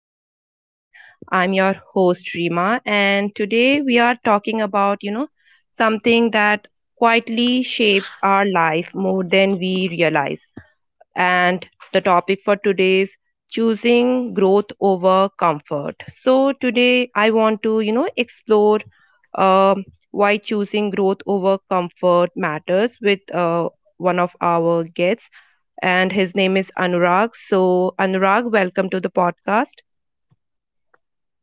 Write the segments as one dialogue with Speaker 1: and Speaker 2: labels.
Speaker 1: the podcast. I'm your host, Rima, and today we are talking about, something that quietly shapes our life more than we realize. And the topic for today is choosing growth over comfort. So, today I want to, explore um, why choosing growth over comfort matters with one of our guests, and his name is Anurag. So, Anurag, welcome to the podcast.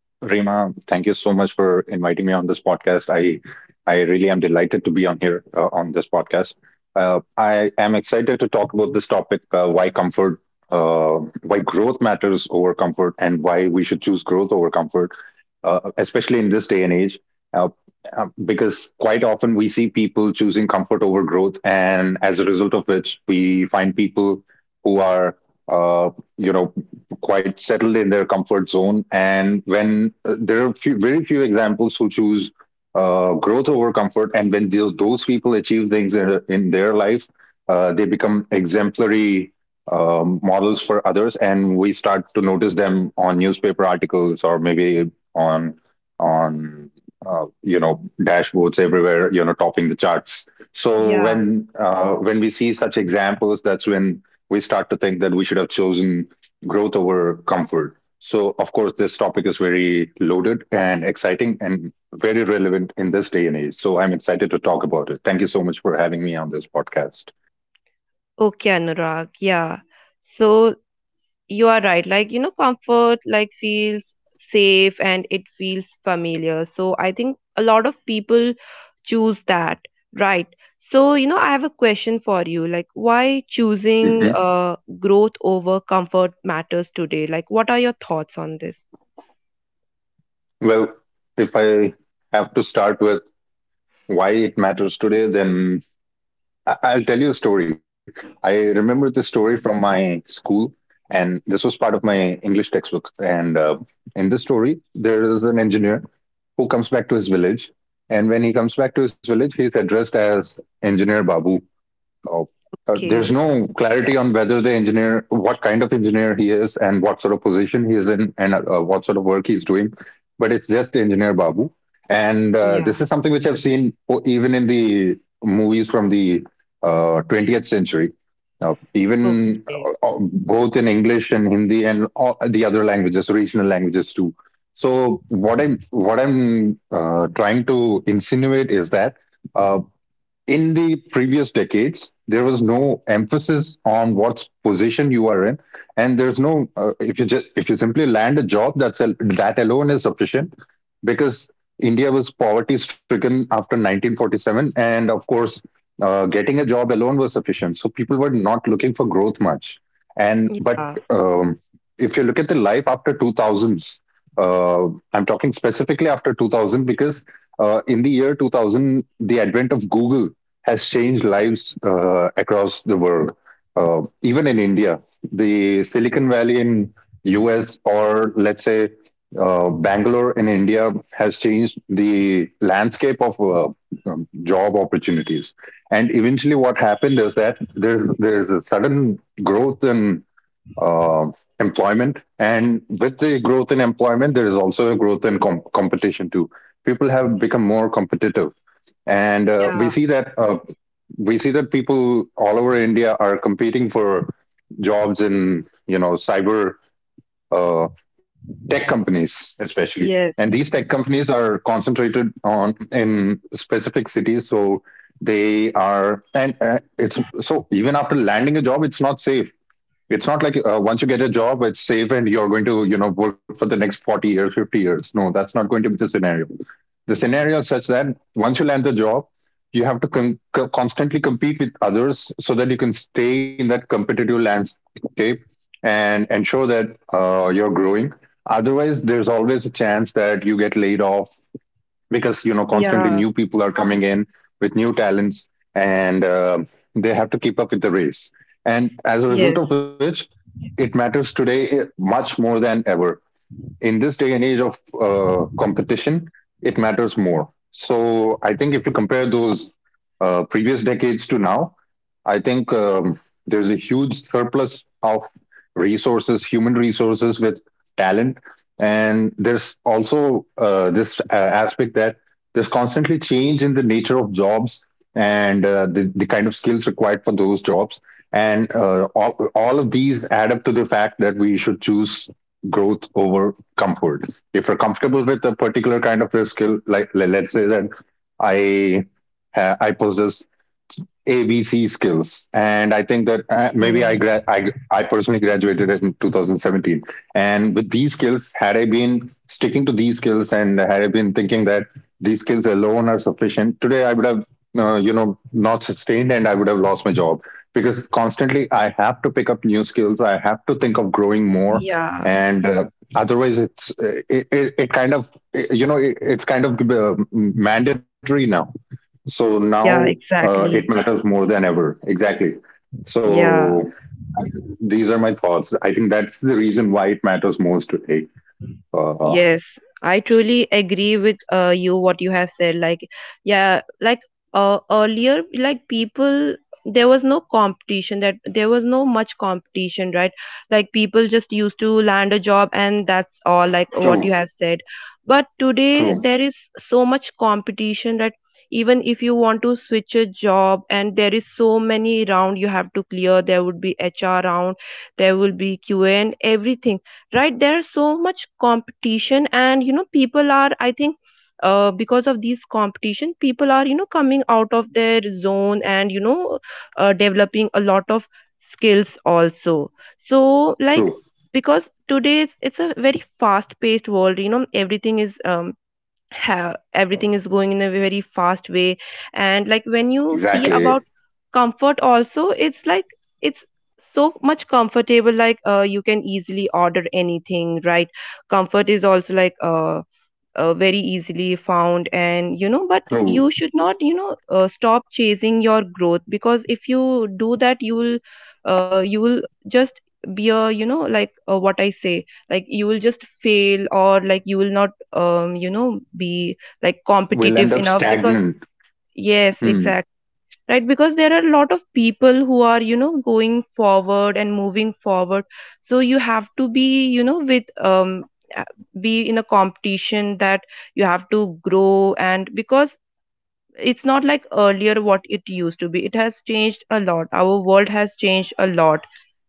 Speaker 2: Rima, thank you so much for inviting me on this podcast. I really am delighted to be on here on this podcast. I am excited to talk about this topic: why uh, why growth matters over comfort, and why we should choose growth over comfort, especially in this day and age, uh, because quite often we see people choosing comfort over growth, and as a result of which, we find people who are, uh, you know, quite settled in their comfort zone. And when there are few, very few examples who choose growth over comfort, and when those people achieve things in their life, they become exemplary models for others, and we start to notice them on newspaper articles, or maybe on on you know, dashboards everywhere, you know, topping the charts. So
Speaker 1: Yeah.
Speaker 2: when we see such examples, that's when we start to think that we should have chosen growth over comfort. So of course, this topic is very loaded and exciting and very relevant in this day and age, so I'm excited to talk about it. Thank you so much for having me on this podcast.
Speaker 1: Okay, Anurag. Yeah. So, you are right. Like, you know, comfort like feels safe and it feels familiar. So, I think a lot of people choose that, right? So, you know, I have a question for you. Like, why choosing
Speaker 2: Mhm.
Speaker 1: growth over comfort matters today? Like, what are your thoughts on this?
Speaker 2: Well, if I have to start with why it matters today, then I'll tell you a story. I remember this story from my school, and this was part of my English textbook. And in this story, there is an engineer who comes back to his village. And when he comes back to his village, he's addressed as Engineer Babu. Oh, there's
Speaker 1: Okay.
Speaker 2: no clarity on whether the engineer, what kind of engineer he is, and what sort of position he is in, and what sort of work he's doing. But it's just Engineer Babu, and
Speaker 1: Yeah.
Speaker 2: this is something which I've seen even in the movies from the 20th century, even
Speaker 1: Okay.
Speaker 2: both in English and Hindi and all the other languages, regional languages too. So what I'm trying to insinuate is that, uh, in the previous decades, there was no emphasis on what position you are in, and there's no, if you just, if you simply land a job, that alone is sufficient, because India was poverty stricken after 1947, and of course, getting a job alone was sufficient. So people were not looking for growth much, and but
Speaker 1: Yeah.
Speaker 2: um, if you look at the life after 2000s, uh, I'm talking specifically after 2000 because, in the year 2000, the advent of Google has changed lives across the world. Even in India, the Silicon Valley in US, or let's say Bangalore in India, has changed the landscape of job opportunities. And eventually, what happened is that there's a sudden growth in uh, employment, and with the growth in employment, there is also a growth in competition too. People have become more competitive, and
Speaker 1: Yeah.
Speaker 2: we see that people all over India are competing for jobs in, you know, cyber, uh, tech companies, especially. And these
Speaker 1: Yes.
Speaker 2: tech companies are concentrated on in specific cities, so they are and it's, so even after landing a job, it's not safe. It's not like, once you get a job, it's safe and you're going to, you know, work for the next 40 years, 50 years. No, that's not going to be the scenario is such that once you land the job, you have to constantly compete with others, so that you can stay in that competitive landscape and ensure that you're growing. Otherwise, there's always a chance that you get laid off, because, you know, constantly
Speaker 1: Yeah,
Speaker 2: new people are coming in with new talents, and they have to keep up with the race. And as a result of
Speaker 1: yes.
Speaker 2: which, it matters today, much more than ever. In this day and age of competition, it matters more. So I think if you compare those previous decades to now, I think, there's a huge surplus of resources, human resources with talent. And there's also this aspect that there's constantly change in the nature of jobs, and the kind of skills required for those jobs. And all of these add up to the fact that we should choose growth over comfort. If you're comfortable with a particular kind of a skill, like, let's say that I I possess ABC skills, and I think that, uh, maybe I,
Speaker 1: Mm,
Speaker 2: gra- I personally graduated in 2017. And with these skills, had I been sticking to these skills, and had I been thinking that these skills alone are sufficient, today I would have, you know, not sustained, and I would have lost my job, because constantly I have to pick up new skills. I have to think of growing more,
Speaker 1: yeah,
Speaker 2: and otherwise it's, it kind of, you know, it's kind of, mandatory now. So now
Speaker 1: yeah,
Speaker 2: uh, it
Speaker 1: exactly.
Speaker 2: matters more than ever. Exactly. So
Speaker 1: Yeah,
Speaker 2: I- these are my thoughts. I think that's the reason why it matters most today. Uh,
Speaker 1: yes, I truly agree with you what you have said. Like, yeah, like earlier, like people, there was no competition, that there was no much competition, right? Like people just used to land a job and that's all, like what
Speaker 2: true,
Speaker 1: you have said. But today
Speaker 2: true,
Speaker 1: there is so much competition that even if you want to switch a job, and there is so many round you have to clear, there would be HR round, there will be QA and everything, right? There's so much competition, and you know, people are, I think, because of these competition, people are, you know, coming out of their zone and you know, developing a lot of skills also. So like,
Speaker 2: true.
Speaker 1: because today's it's a very fast paced world, you know, everything is have everything is going in a very fast way. And like when you see
Speaker 2: Exactly.
Speaker 1: about comfort also, it's like, it's so much comfortable, like you can easily order anything, right? Comfort is also like, very easily found. And you know, but
Speaker 2: True.
Speaker 1: you should not, you know, stop chasing your growth, because if you do that, you will, you will just be a, you know, like, what I say, like you will just fail, or like you will not, you know, be like
Speaker 2: We'll end
Speaker 1: competitive
Speaker 2: up
Speaker 1: enough because
Speaker 2: stagnant.
Speaker 1: yes,
Speaker 2: Hmm.
Speaker 1: exactly, right? Because there are a lot of people who are, you know, going forward and moving forward. So you have to be, you know, with um a- be in a competition, that you have to grow. And because it's not like earlier what it used to be, it has changed a lot, our world has changed a lot,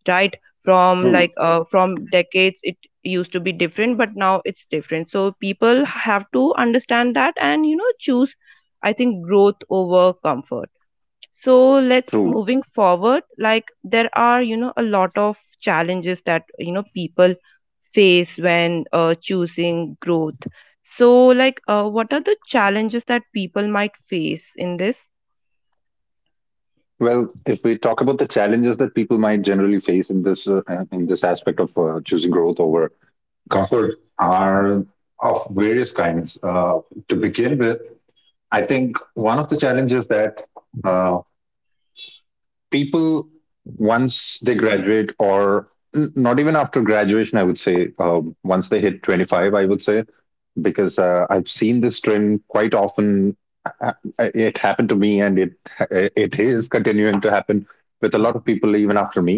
Speaker 1: right? From like,
Speaker 2: True,
Speaker 1: from decades it used to be different, but now it's different. So people have to understand that, and you know, choose, I think, growth over comfort. So let's
Speaker 2: true.
Speaker 1: moving forward, like there are, you know, a lot of challenges that, you know, people face when choosing growth. So like, what are the challenges that people might face in this?
Speaker 2: Well, if we talk about the challenges that people might generally face in this, in this aspect of choosing growth over comfort, are of various kinds. To begin with, I think one of the challenges that, uh, people, once they graduate, or not even after graduation, I would say, once they hit 25, I would say, because I've seen this trend quite often. Uh, it happened to me, and it, it is continuing to happen with a lot of people even after me,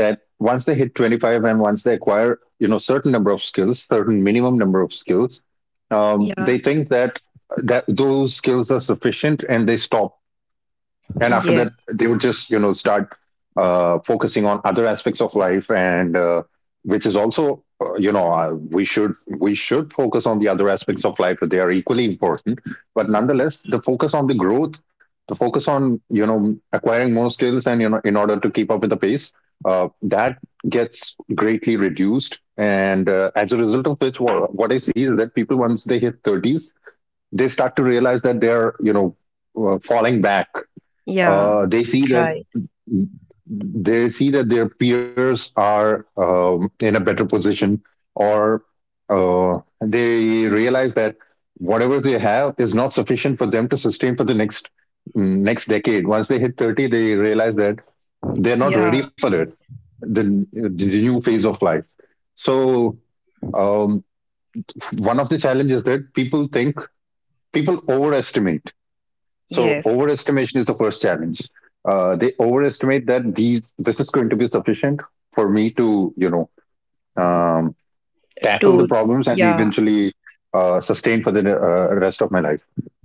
Speaker 2: that once they hit 25 and once they acquire, you know, certain number of skills, certain minimum number of skills, um,
Speaker 1: Yeah,
Speaker 2: they think that those skills are sufficient, and they stop. And after that,
Speaker 1: yes,
Speaker 2: they would just, you know, start focusing on other aspects of life, and which is also, we should, we should focus on the other aspects of life, they are equally important. But nonetheless, the focus on the growth, the focus on, you know, acquiring more skills, and, you know, in order to keep up with the pace, that gets greatly reduced. And as a result of which, what I see is that people, once they hit 30s, they start to realize that they're, you know, falling back.
Speaker 1: yeah,
Speaker 2: uh, they see that
Speaker 1: right.
Speaker 2: they see that their peers are, in a better position, or they realize that whatever they have is not sufficient for them to sustain for the next, next decade. Once they hit 30, they realize that they're not
Speaker 1: Yeah,
Speaker 2: ready for it, the new phase of life. So, um, one of the challenges that people think, people overestimate. So
Speaker 1: yes
Speaker 2: overestimation is the first challenge. They overestimate that these this is going to be sufficient for me to, you know, um, tackle the
Speaker 1: to
Speaker 2: problems and
Speaker 1: yeah,
Speaker 2: eventually, sustain for the rest of my life.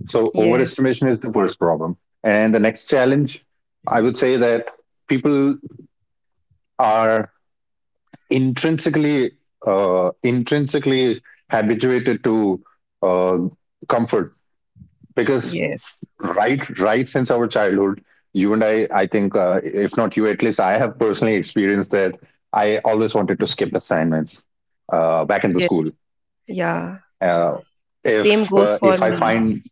Speaker 2: So
Speaker 1: yes,
Speaker 2: overestimation is the first problem. And the next challenge, I would say, that people are intrinsically, uh, intrinsically habituated to, uh, comfort, because,
Speaker 1: yes,
Speaker 2: right since our childhood, you and I, I think if not you, at least I have personally experienced that I always wanted to skip assignments, back in the
Speaker 1: yes,
Speaker 2: school.
Speaker 1: yeah,
Speaker 2: uh,
Speaker 1: same
Speaker 2: if
Speaker 1: goes
Speaker 2: uh,
Speaker 1: for
Speaker 2: if I
Speaker 1: me.
Speaker 2: find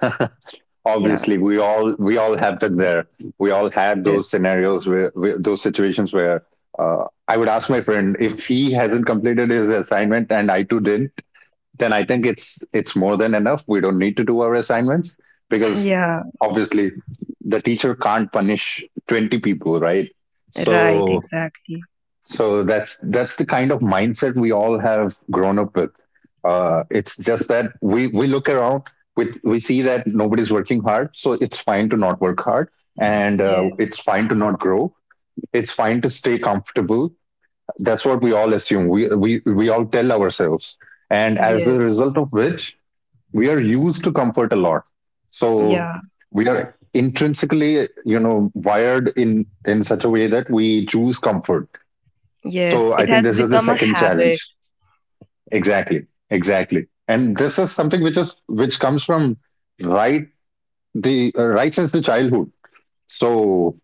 Speaker 1: Yeah,
Speaker 2: obviously we all have been there. We all had
Speaker 1: yes,
Speaker 2: those scenarios where, those situations where, I would ask my friend if he hasn't completed his assignment, and I too did, then I think it's more than enough. We don't need to do our assignments, because
Speaker 1: yeah,
Speaker 2: obviously the teacher can't punish 20 people, right?
Speaker 1: right,
Speaker 2: So
Speaker 1: exactly.
Speaker 2: that's the kind of mindset we all have grown up with. It's just that we look around, we see that nobody's working hard, so it's fine to not work hard, and
Speaker 1: Yes,
Speaker 2: it's fine to not grow. It's fine to stay comfortable. That's what we all assume. We all tell ourselves, and as a
Speaker 1: yes.
Speaker 2: result of which we are used to comfort a lot. So
Speaker 1: Yeah.
Speaker 2: we are intrinsically, you know, wired in such a way that we choose comfort. So
Speaker 1: Yes,
Speaker 2: I
Speaker 1: it
Speaker 2: think
Speaker 1: has
Speaker 2: this is the
Speaker 1: become a
Speaker 2: second challenge.
Speaker 1: habit.
Speaker 2: Exactly, exactly. And this is something which is, which comes from, right, the right since the childhood. So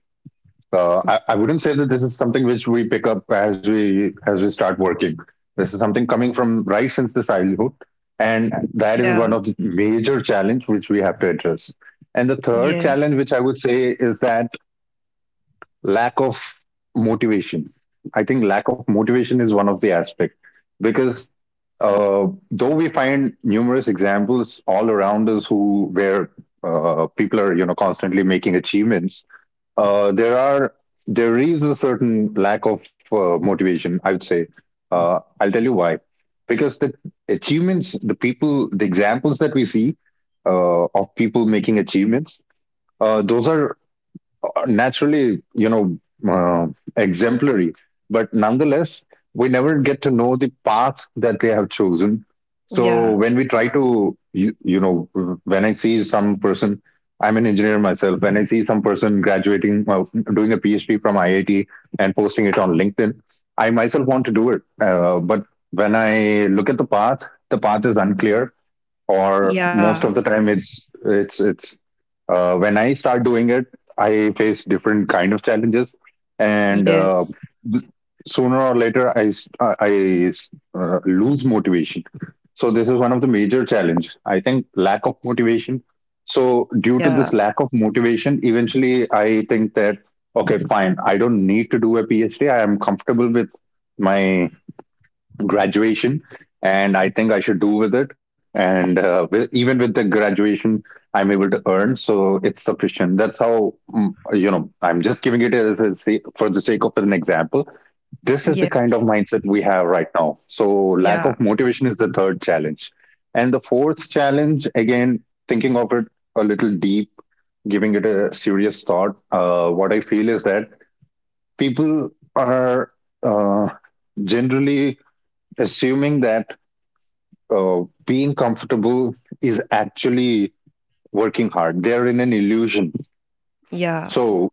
Speaker 2: I wouldn't say that this is something which we pick up as we start working. This is something coming from right since the childhood, and that is
Speaker 1: Yeah.
Speaker 2: one of the major challenge which we have to address. And the third
Speaker 1: Yes.
Speaker 2: challenge, which I would say, is that lack of motivation. I think lack of motivation is one of the aspect because uh, though we find numerous examples all around us who where people are constantly making achievements uh, there are there is a certain lack of motivation I would say. I'll tell you why. Because the achievements, the people, the examples that we see of people making achievements, those are naturally, uh, exemplary. But nonetheless, we never get to know the path that they have chosen. So
Speaker 1: Yeah.
Speaker 2: when we try to, when I see some person, I'm an engineer myself, when I see some person graduating, doing a PhD from IIT and posting it on LinkedIn, I myself want to do it. But when I look at the path is unclear, or
Speaker 1: Yeah.
Speaker 2: most of the time it's when I start doing it, I face different kind of challenges, and
Speaker 1: Yes.
Speaker 2: th- sooner or later I lose motivation. So this is one of the major challenge, I think, lack of motivation. So due to
Speaker 1: Yeah.
Speaker 2: this lack of motivation, eventually I think that okay fine, I don't need to do a PhD, I am comfortable with my graduation, and I think I should do with it. Even with the graduation, I'm able to earn, so it's sufficient. That's how I'm just giving it as for the sake of an example. This is
Speaker 1: Yeah.
Speaker 2: the kind of mindset we have right now. So lack
Speaker 1: Yeah.
Speaker 2: of motivation is the third challenge, and the fourth challenge again, thinking of it a little deep, giving it a serious thought. What I feel is that people are uh, generally assuming that being comfortable is actually working hard. They're in an illusion.
Speaker 1: Yeah.
Speaker 2: So,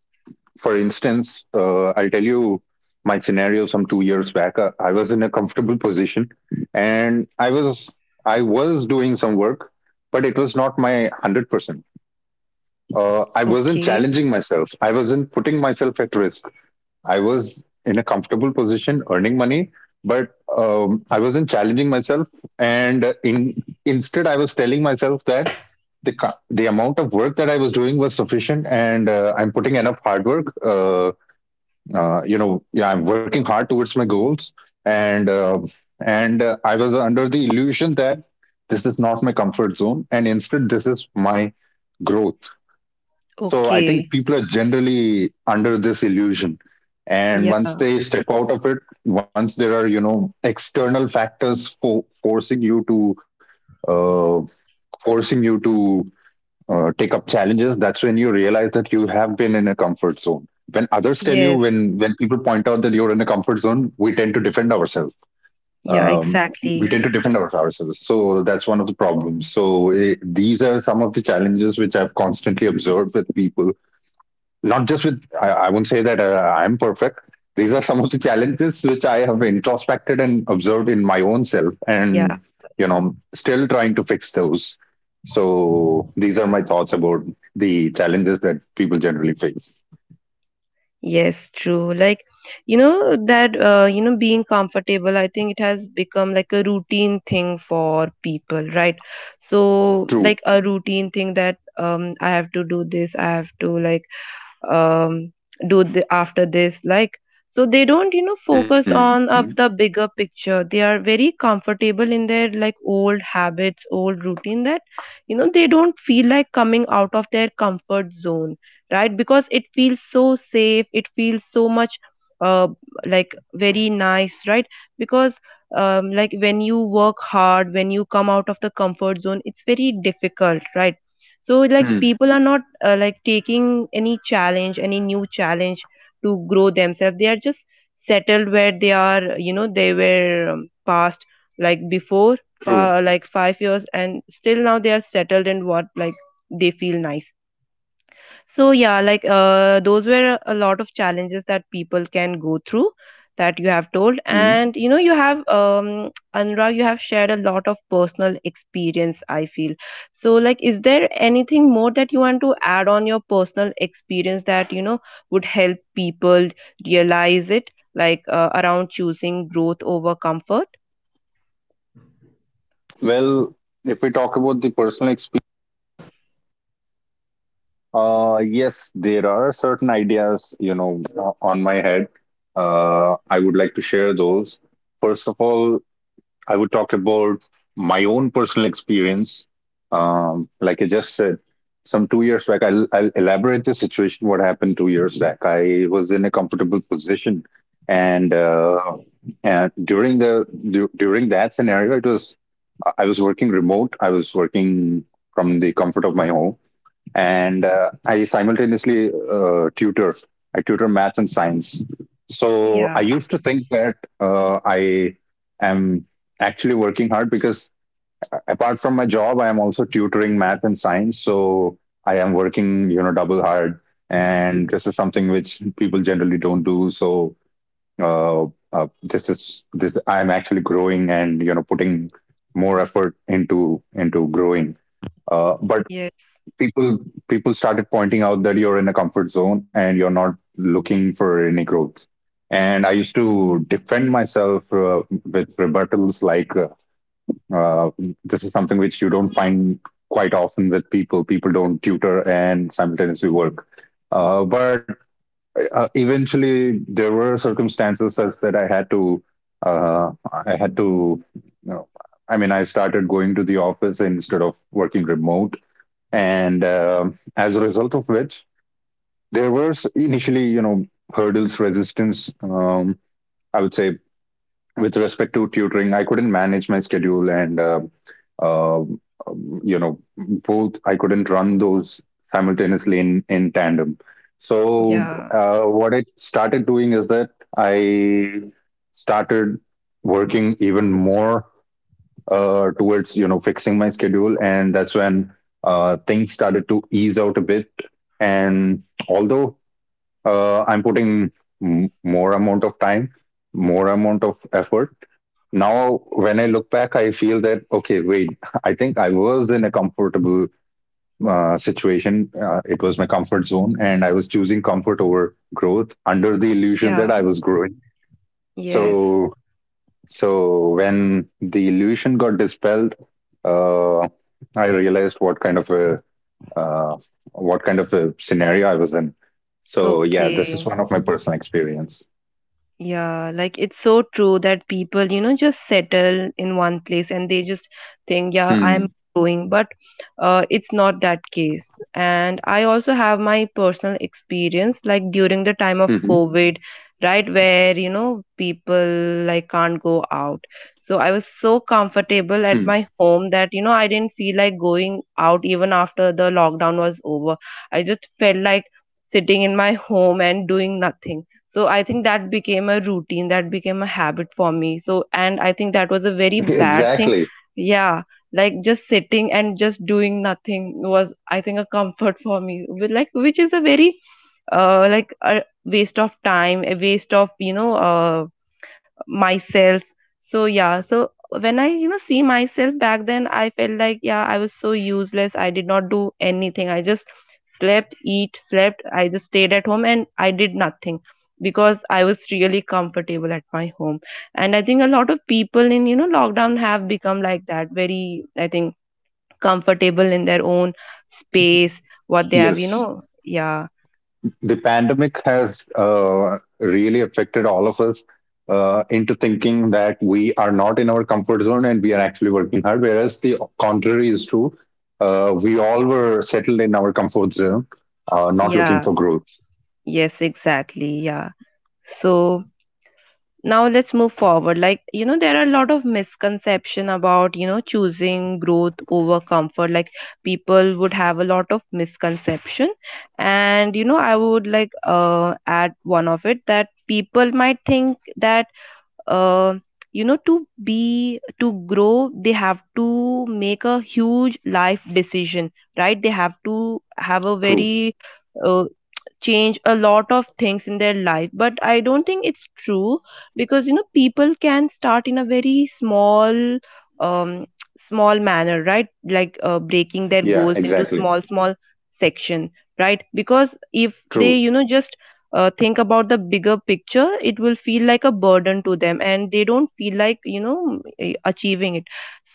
Speaker 2: for instance, I'll tell you my scenario some 2 years back. I was in a comfortable position, and I was doing some work, but it was not my 100%. I wasn't
Speaker 1: Okay.
Speaker 2: challenging myself. I wasn't putting myself at risk. I was in a comfortable position, earning money, but I wasn't challenging myself. And uh, in, instead, I was telling myself that the the amount of work that I was doing was sufficient, and I'm putting enough hard work. Yeah, I'm working hard towards my goals, and uh, and I was under the illusion that this is not my comfort zone, and instead, this is my growth. So I
Speaker 1: Okay.
Speaker 2: think people are generally under this illusion. And once
Speaker 1: Yeah.
Speaker 2: they step out of it, once there are, you know, external factors forcing you to uh, forcing you to take up challenges, that's when you realize that you have been in a comfort zone. When others tell you,
Speaker 1: Yes.
Speaker 2: when people point out that you're in a comfort zone, we tend to defend ourselves.
Speaker 1: Yeah,
Speaker 2: Um, we
Speaker 1: exactly.
Speaker 2: tend to defend ourselves. So that's one of the problems. So these are some of the challenges which I've constantly observed with people, not just with I won't say that I'm perfect. These are some of the challenges which I have introspected and observed in my own self and
Speaker 1: Yeah.
Speaker 2: you know still trying to fix those. So these are my thoughts about the challenges that people generally face.
Speaker 1: Yes, true. Like, you know, that, you know, being comfortable, I think it has become like a routine thing for people, right? So,
Speaker 2: True.
Speaker 1: like a routine thing that I have to do this, I have to like um, do the, after this, like, so they don't, you know,
Speaker 2: Mm,
Speaker 1: focus on the bigger picture. They are very comfortable in their like old habits, old routine, that you know, they don't feel like coming out of their comfort zone, right? Because it feels so safe, it feels so much, uh, like very nice, right? Because like when you work hard, when you come out of the comfort zone, it's very difficult, right? So like
Speaker 2: mm,
Speaker 1: people are not, like taking any challenge, any new challenge, to grow themselves. They are just settled where they are, you know, they were, past, like before,
Speaker 2: true.
Speaker 1: like 5 years, and still now they are settled in what, like they feel nice. So yeah, like those were a lot of challenges that people can go through, that you have told. And you know, you have, Anurag, you have shared a lot of personal experience, I feel so. Like, is there anything more that you want to add on your personal experience that, you know, would help people realize it, like around choosing growth over comfort?
Speaker 2: Share those. First of all, I would talk about my own personal experience. Like I just said, some 2 years back, I'll elaborate the situation. What happened 2 years back? I was in a comfortable position, and uh, and during the during that scenario, it was I was working remote. I was working from the comfort of my home, and I simultaneously tutor. I tutor math and science. So I
Speaker 1: Yeah.
Speaker 2: used to think that I am actually working hard because apart from my job, I am also tutoring math and science. So I am working, you know, double hard, and this is something which people generally don't do. So uh, this is this. I am actually growing and you know putting more effort into growing. But
Speaker 1: Yes.
Speaker 2: people people started pointing out that you're in a comfort zone and you're not looking for any growth, and I used to defend myself with rebuttals like uh, this is something which you don't find quite often with people. People don't tutor and simultaneously work. But Eventually, there were circumstances such that uh, I had to, you know, I mean, I started going to the office instead of working remote, and as a result of which there were initially, you know, hurdles, resistance, I would say, with respect to tutoring. I couldn't manage my schedule, and uh, um, you know both I couldn't run those simultaneously in tandem. So
Speaker 1: Yeah.
Speaker 2: what I started doing is that I started working even more towards, you know, fixing my schedule, and that's when things started to ease out a bit. And although I'm putting more amount of time, more amount of effort, now when I look back, I feel that okay, wait, I think I was in a comfortable situation. It was my comfort zone, and I was choosing comfort over growth under the illusion that I
Speaker 1: Yeah.
Speaker 2: was growing.
Speaker 1: Yes.
Speaker 2: So so when the illusion got dispelled, uh, I realized what kind of a uh, what kind of a scenario was in. So yeah, this is
Speaker 1: Okay.
Speaker 2: one of my personal experience.
Speaker 1: Yeah, like it's so true that people, you know, just settle in one place and they just think, yeah, I'm
Speaker 2: Hmm.
Speaker 1: growing, but it's not that case. And I also have my personal experience, like during the time of
Speaker 2: Hmm.
Speaker 1: COVID, right, where, you know, people like can't go out. So I was so comfortable at
Speaker 2: Hmm.
Speaker 1: my home that, you know, I didn't feel like going out even after the lockdown was over. I just felt like sitting in my home and doing nothing. So I think that became a routine, that became a habit for me. So, and I think that was a very bad thing.
Speaker 2: Exactly.
Speaker 1: Yeah, like just sitting and just doing nothing was, I think, a comfort for me, with like, which is a very, like a waste of time, a waste of, you know, myself. So yeah, so when I, you know, see myself back then, I felt like yeah, I was so useless. I did not do anything. I just slept, eat, slept. I just stayed at home and I did nothing because I was really comfortable at my home. And I think a lot of people in, you know, lockdown have become like that. Very, I think, comfortable in their own space, what they have, you
Speaker 2: Yes.
Speaker 1: know. Yeah,
Speaker 2: The pandemic has really affected all of us into thinking that we are not in our comfort zone and we are actually working hard, whereas the contrary is true. We all were settled in our comfort zone, not looking
Speaker 1: yeah,
Speaker 2: for growth.
Speaker 1: yes, exactly, yeah. So now let's move forward, like, you know, there are a lot of misconception about, you know, choosing growth over comfort. Like, people would have a lot of misconception, and you know, I would like, add one of it, that people might think that, uh, you know, to be to grow, they have to make a huge life decision, right? They have to have a
Speaker 2: True.
Speaker 1: very, uh, change a lot of things in their life, but I don't think it's true, because you know, people can start in a very small, um small manner, right? Like, breaking their
Speaker 2: Yeah,
Speaker 1: goals into
Speaker 2: exactly.
Speaker 1: small small section, right? Because if
Speaker 2: True.
Speaker 1: they, you know, just think about the bigger picture, it will feel like a burden to them, and they don't feel like, you know, achieving it.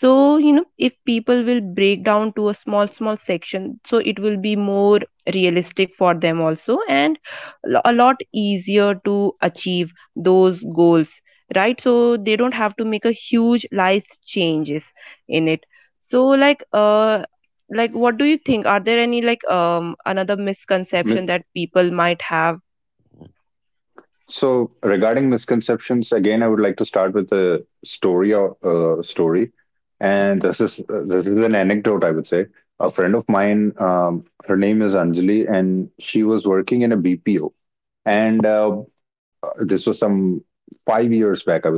Speaker 1: So you know, if people will break down to a small small section, so it will be more realistic for them also, and a lot easier to achieve those goals, right? So they don't have to make a huge life changes in it. So like, like what do you think? Are there any like, another misconception
Speaker 2: Mi-
Speaker 1: that people might have?
Speaker 2: So regarding misconceptions, again, I would like to start with a story or story, and this is an anecdote, I would say. A friend of mine, her name is Anjali, and she was working in a BPO. And This was some 5 years back, I would say.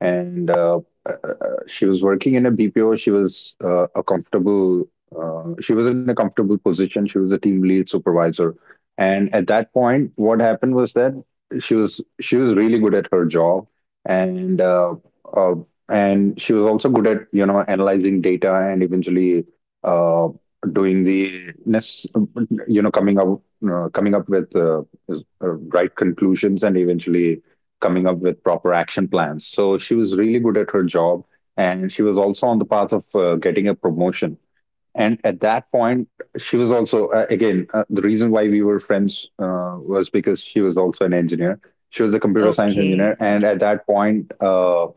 Speaker 2: And She was working in a BPO. She was in a comfortable position. She was a team lead supervisor, and at that point, what happened was that she was really good at her job, and uh, uh, and she was also good at you know analyzing data and eventually uh, doing the ness, you know coming up with right conclusions and eventually coming up with proper action plans. So she was really good at her job and she was also on the path of getting a promotion. And at that point, she was also, the reason why we were friends was because she was also an engineer. She was a computer science engineer.
Speaker 1: Okay,
Speaker 2: And at that point,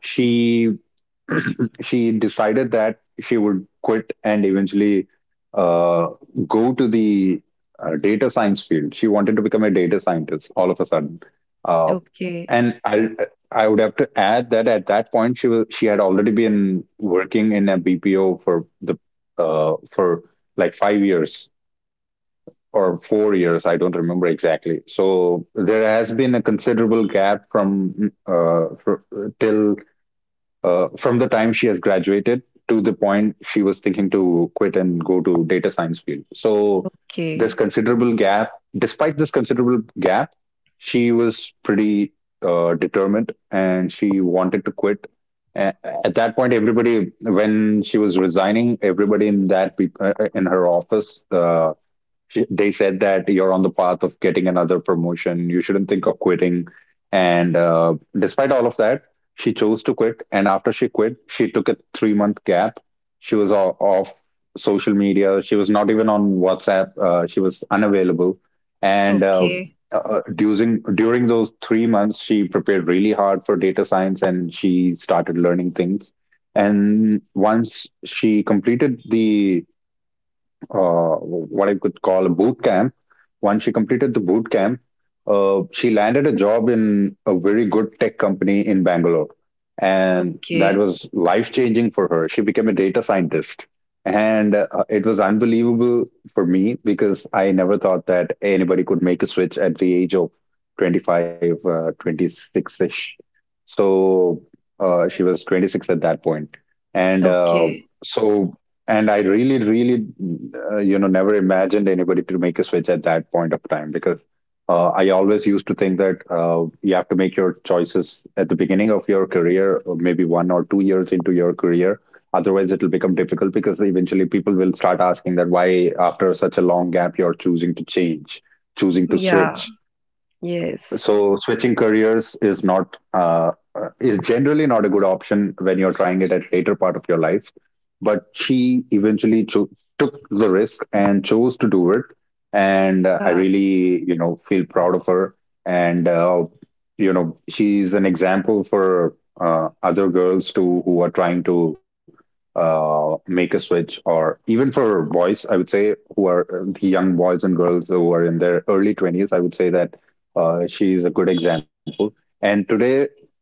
Speaker 2: she she decided that she would quit and eventually uh, go to the data science field. She wanted to become a data scientist all of a sudden. Uh,
Speaker 1: okay,
Speaker 2: and I would have to add that at that point she had already been working in a BPO for the for like 5 years or 4 years. I don't remember exactly. So there has been a considerable gap from for, till from the time she has graduated to the point she was thinking to quit and go to data science field. So this
Speaker 1: okay,
Speaker 2: considerable gap, despite this considerable gap, she was pretty determined and she wanted to quit. A- at that point, everybody, when she was resigning, everybody in her office, they said that you're on the path of getting another promotion. You shouldn't think of quitting. And despite all of that, she chose to quit. And after she quit, she took a 3 month gap. She was off social media. She was not even on WhatsApp. She was unavailable. And uh,
Speaker 1: okay,
Speaker 2: uh, during during those 3 months, she prepared really hard for data science, and she started learning things. And once she completed the uh, what I could call a boot camp. Once she completed the boot camp, she landed a job in a very good tech company in Bangalore. And that
Speaker 1: okay,
Speaker 2: was life changing for her. She became a data scientist. And it was unbelievable for me because I never thought that anybody could make a switch at the age of 25, 26 ish. So she was 26 at that point, and uh,
Speaker 1: okay.
Speaker 2: so and I really, really never imagined anybody to make a switch at that point of time because I always used to think that you have to make your choices at the beginning of your career, or maybe one or two years into your career. Otherwise, it will become difficult because eventually people will start asking that why, after such a long gap, you're choosing to change, choosing to
Speaker 1: Yeah,
Speaker 2: switch
Speaker 1: yes.
Speaker 2: So switching careers is not is generally not a good option when you're trying it at later part of your life, but she took the risk and chose to do it, and I
Speaker 1: Yeah,
Speaker 2: really, you know, feel proud of her. And you know, she's an example for other girls too who are trying to make a switch, or even for boys, I would say, who are the young boys and girls who are in their early 20s. I would say that she is a good example. And today,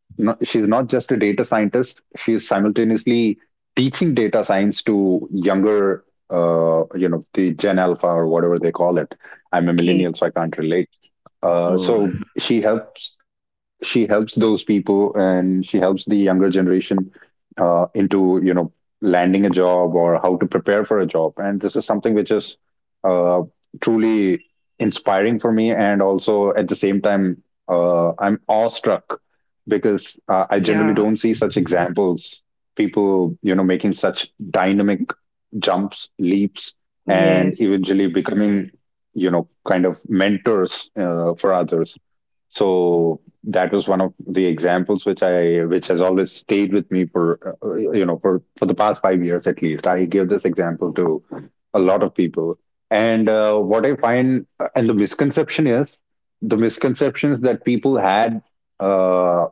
Speaker 2: no, she's not just a data scientist, she is simultaneously teaching data science to younger, the Gen Alpha or whatever they call it. I'm a
Speaker 1: okay.
Speaker 2: millennial, so I can't relate. uh,
Speaker 1: Oh,
Speaker 2: so she helps, she helps those people, and she helps the younger generation, into, you know, landing a job or how to prepare for a job. And this is something which is uh, truly inspiring for me, and also at the same time, I'm awestruck because I generally
Speaker 1: yeah,
Speaker 2: don't see such examples, people, you know, making such dynamic jumps, leaps, and
Speaker 1: yes,
Speaker 2: eventually becoming, you know, kind of mentors for others. So that was one of the examples which I which has always stayed with me for, you know, for the past 5 years. At least I give this example to a lot of people. And what I find, and the misconception is, the misconceptions that people had uh,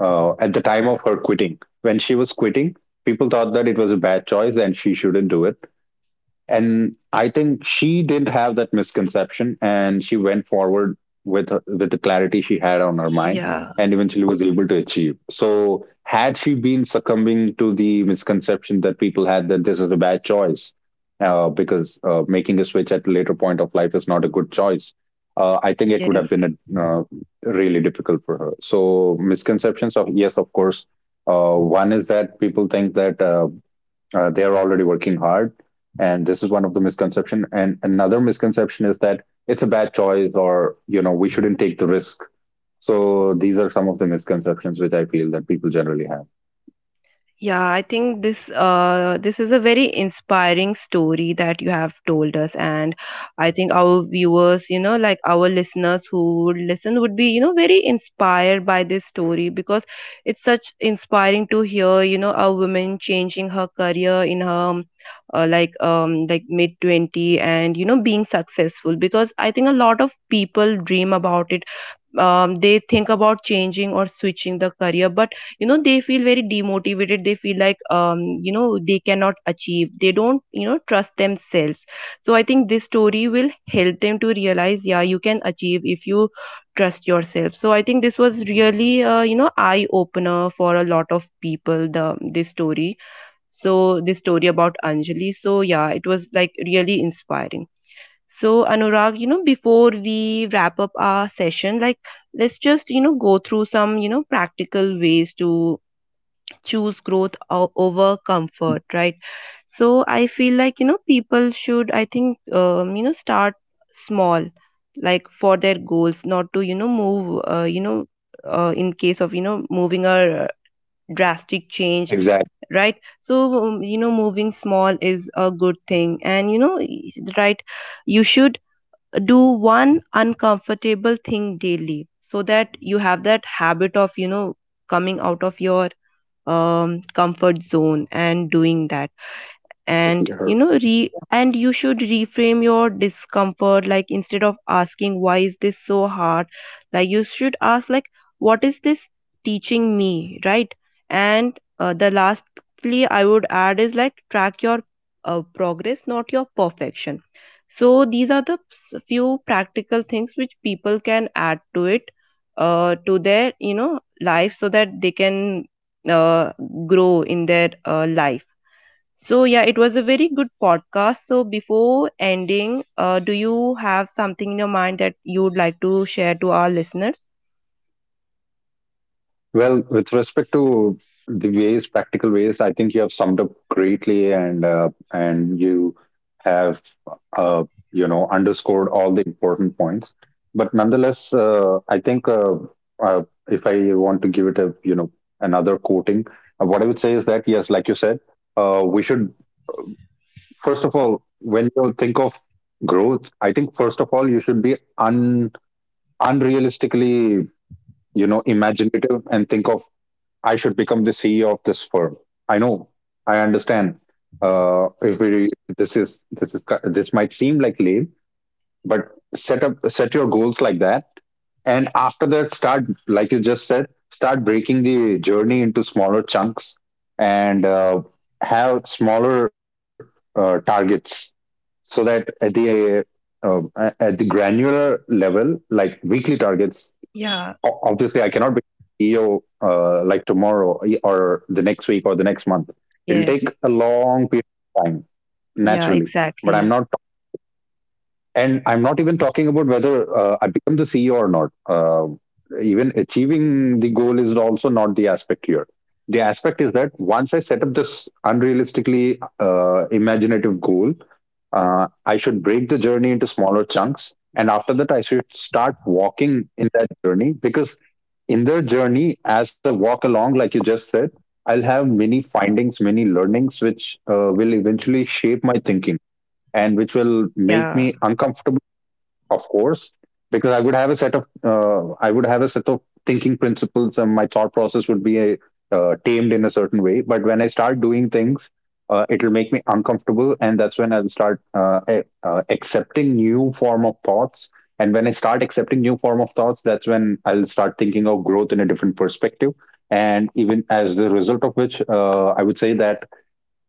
Speaker 2: at the time of her quitting, when she was quitting, people thought that it was a bad choice and she shouldn't do it. And I think she didn't have that misconception, and she went forward with the clarity she had on her mind,
Speaker 1: yeah,
Speaker 2: and eventually was able to achieve. So had she been succumbing to the misconception that people had, that this is a bad choice, because making a switch at a later point of life is not a good choice, I think it would
Speaker 1: yes.
Speaker 2: have been uh, really difficult for her. So misconceptions, of yes, of course, one is that people think that they're already working hard, and this is one of the misconception. And another misconception is that it's a bad choice, or, you know, we shouldn't take the risk. So these are some of the misconceptions which I feel that people generally have.
Speaker 1: Yeah, I think this this is a very inspiring story that you have told us, and I think our viewers, you know, like our listeners who would listen would be, you know, very inspired by this story, because it's such inspiring to hear, you know, a woman changing her career in her, like, like mid 20 and you know, being successful, because I think a lot of people dream about it. They think about changing or switching the career, but you know, they feel very demotivated. They feel like, you know, they cannot achieve, they don't, you know, trust themselves. So I think this story will help them to realize, yeah, you can achieve if you trust yourself. So I think this was really, you know, eye opener for a lot of people the this story. So this story about Anjali, so yeah, it was like really inspiring. So, Anurag, you know, before we wrap up our session, like, let's just, you know, go through some, you know, practical ways to choose growth over comfort, right? So, I feel like, you know, people should, I think, you know, start small, like for their goals, not to, you know, move, you know, in case of, you know, moving
Speaker 2: Exactly.
Speaker 1: a drastic change, right? So, you know, moving small is a good thing. And, you know, right, you should do one uncomfortable thing daily, so that you have that habit of, you know, coming out of your comfort zone and doing that. And you know, re and you should reframe your discomfort. Like, instead of asking why is this so hard, like you should ask, like, what is this teaching me, right? And the lastly, I would add is, like, track your progress, not your perfection. So these are the few practical things which people can add to it, to their, you know, life, so that they can uh, grow in their life. So, yeah, it was a very good podcast. So, before ending, do you have something in your mind that you would like to share to our listeners?
Speaker 2: Well, with respect to ways, practical ways, I think you have summed up greatly, and and you have uh, you know, underscored all the important points. But nonetheless, I think uh, if I want to give it a, you know, another quoting, what I would say is that, yes, like you said, we should first of all, when you think of growth, I think first of, you should be un unrealistically, you know, imaginative, and think of, I should become the CEO of this firm. I know, I understand. If we, this is this is this might seem like lame, but set your goals like that, and after that, start, like you just said, start breaking the journey into smaller chunks, and have smaller targets, so that uh, at the granular level, like weekly targets.
Speaker 1: Yeah,
Speaker 2: Obviously I cannot be CEO like tomorrow or the next week or the next month. It'll
Speaker 1: yes,
Speaker 2: take a long period of time
Speaker 1: yeah,
Speaker 2: naturally, but
Speaker 1: exactly,
Speaker 2: I'm not even talking about whether I become CEO or not. Even achieving the goal is also not the aspect here. The aspect is that once I set up this unrealistically, imaginative goal, I should break the journey into smaller chunks. And after that, I should start walking in that journey, because in their journey, as I walk along, like you just said, I'll have many findings, many learnings, which will eventually shape my thinking and which will make
Speaker 1: yeah.
Speaker 2: me uncomfortable. Of course, because I would have a set of I would have a set of thinking principles, and my thought process would be tamed in a certain way. But when I start doing things, it'll make me uncomfortable, and that's when I'll start accepting new form of thoughts. And when I start accepting new form of thoughts, that's when I'll start thinking of growth in a different perspective. And even as the result of which, I would say that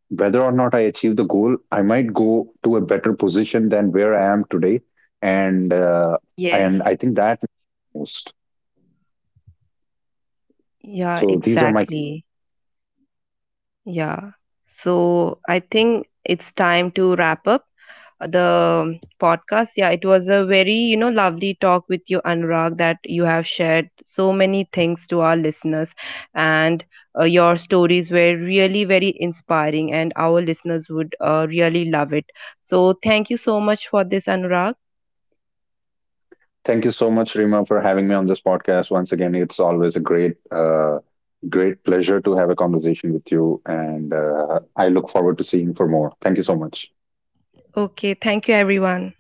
Speaker 2: whether or not I achieve the goal, I might go to a better position than where I am today, and uh, and
Speaker 1: Yes.
Speaker 2: I think that most.
Speaker 1: Yeah,
Speaker 2: So these are my.
Speaker 1: exactly. Yeah. So I think it's time to wrap up the podcast. Yeah, it was a very, you know, lovely talk with you, Anurag, that you have shared so many things to our listeners. And your stories were really very inspiring, and our listeners would really love it. So thank you so much for this, Anurag.
Speaker 2: Thank you so much, Rima, for having me on this podcast once again. It's always a great pleasure to have a conversation with you, and I look forward to seeing for more. Thank you so much.
Speaker 1: Okay. Thank you, everyone.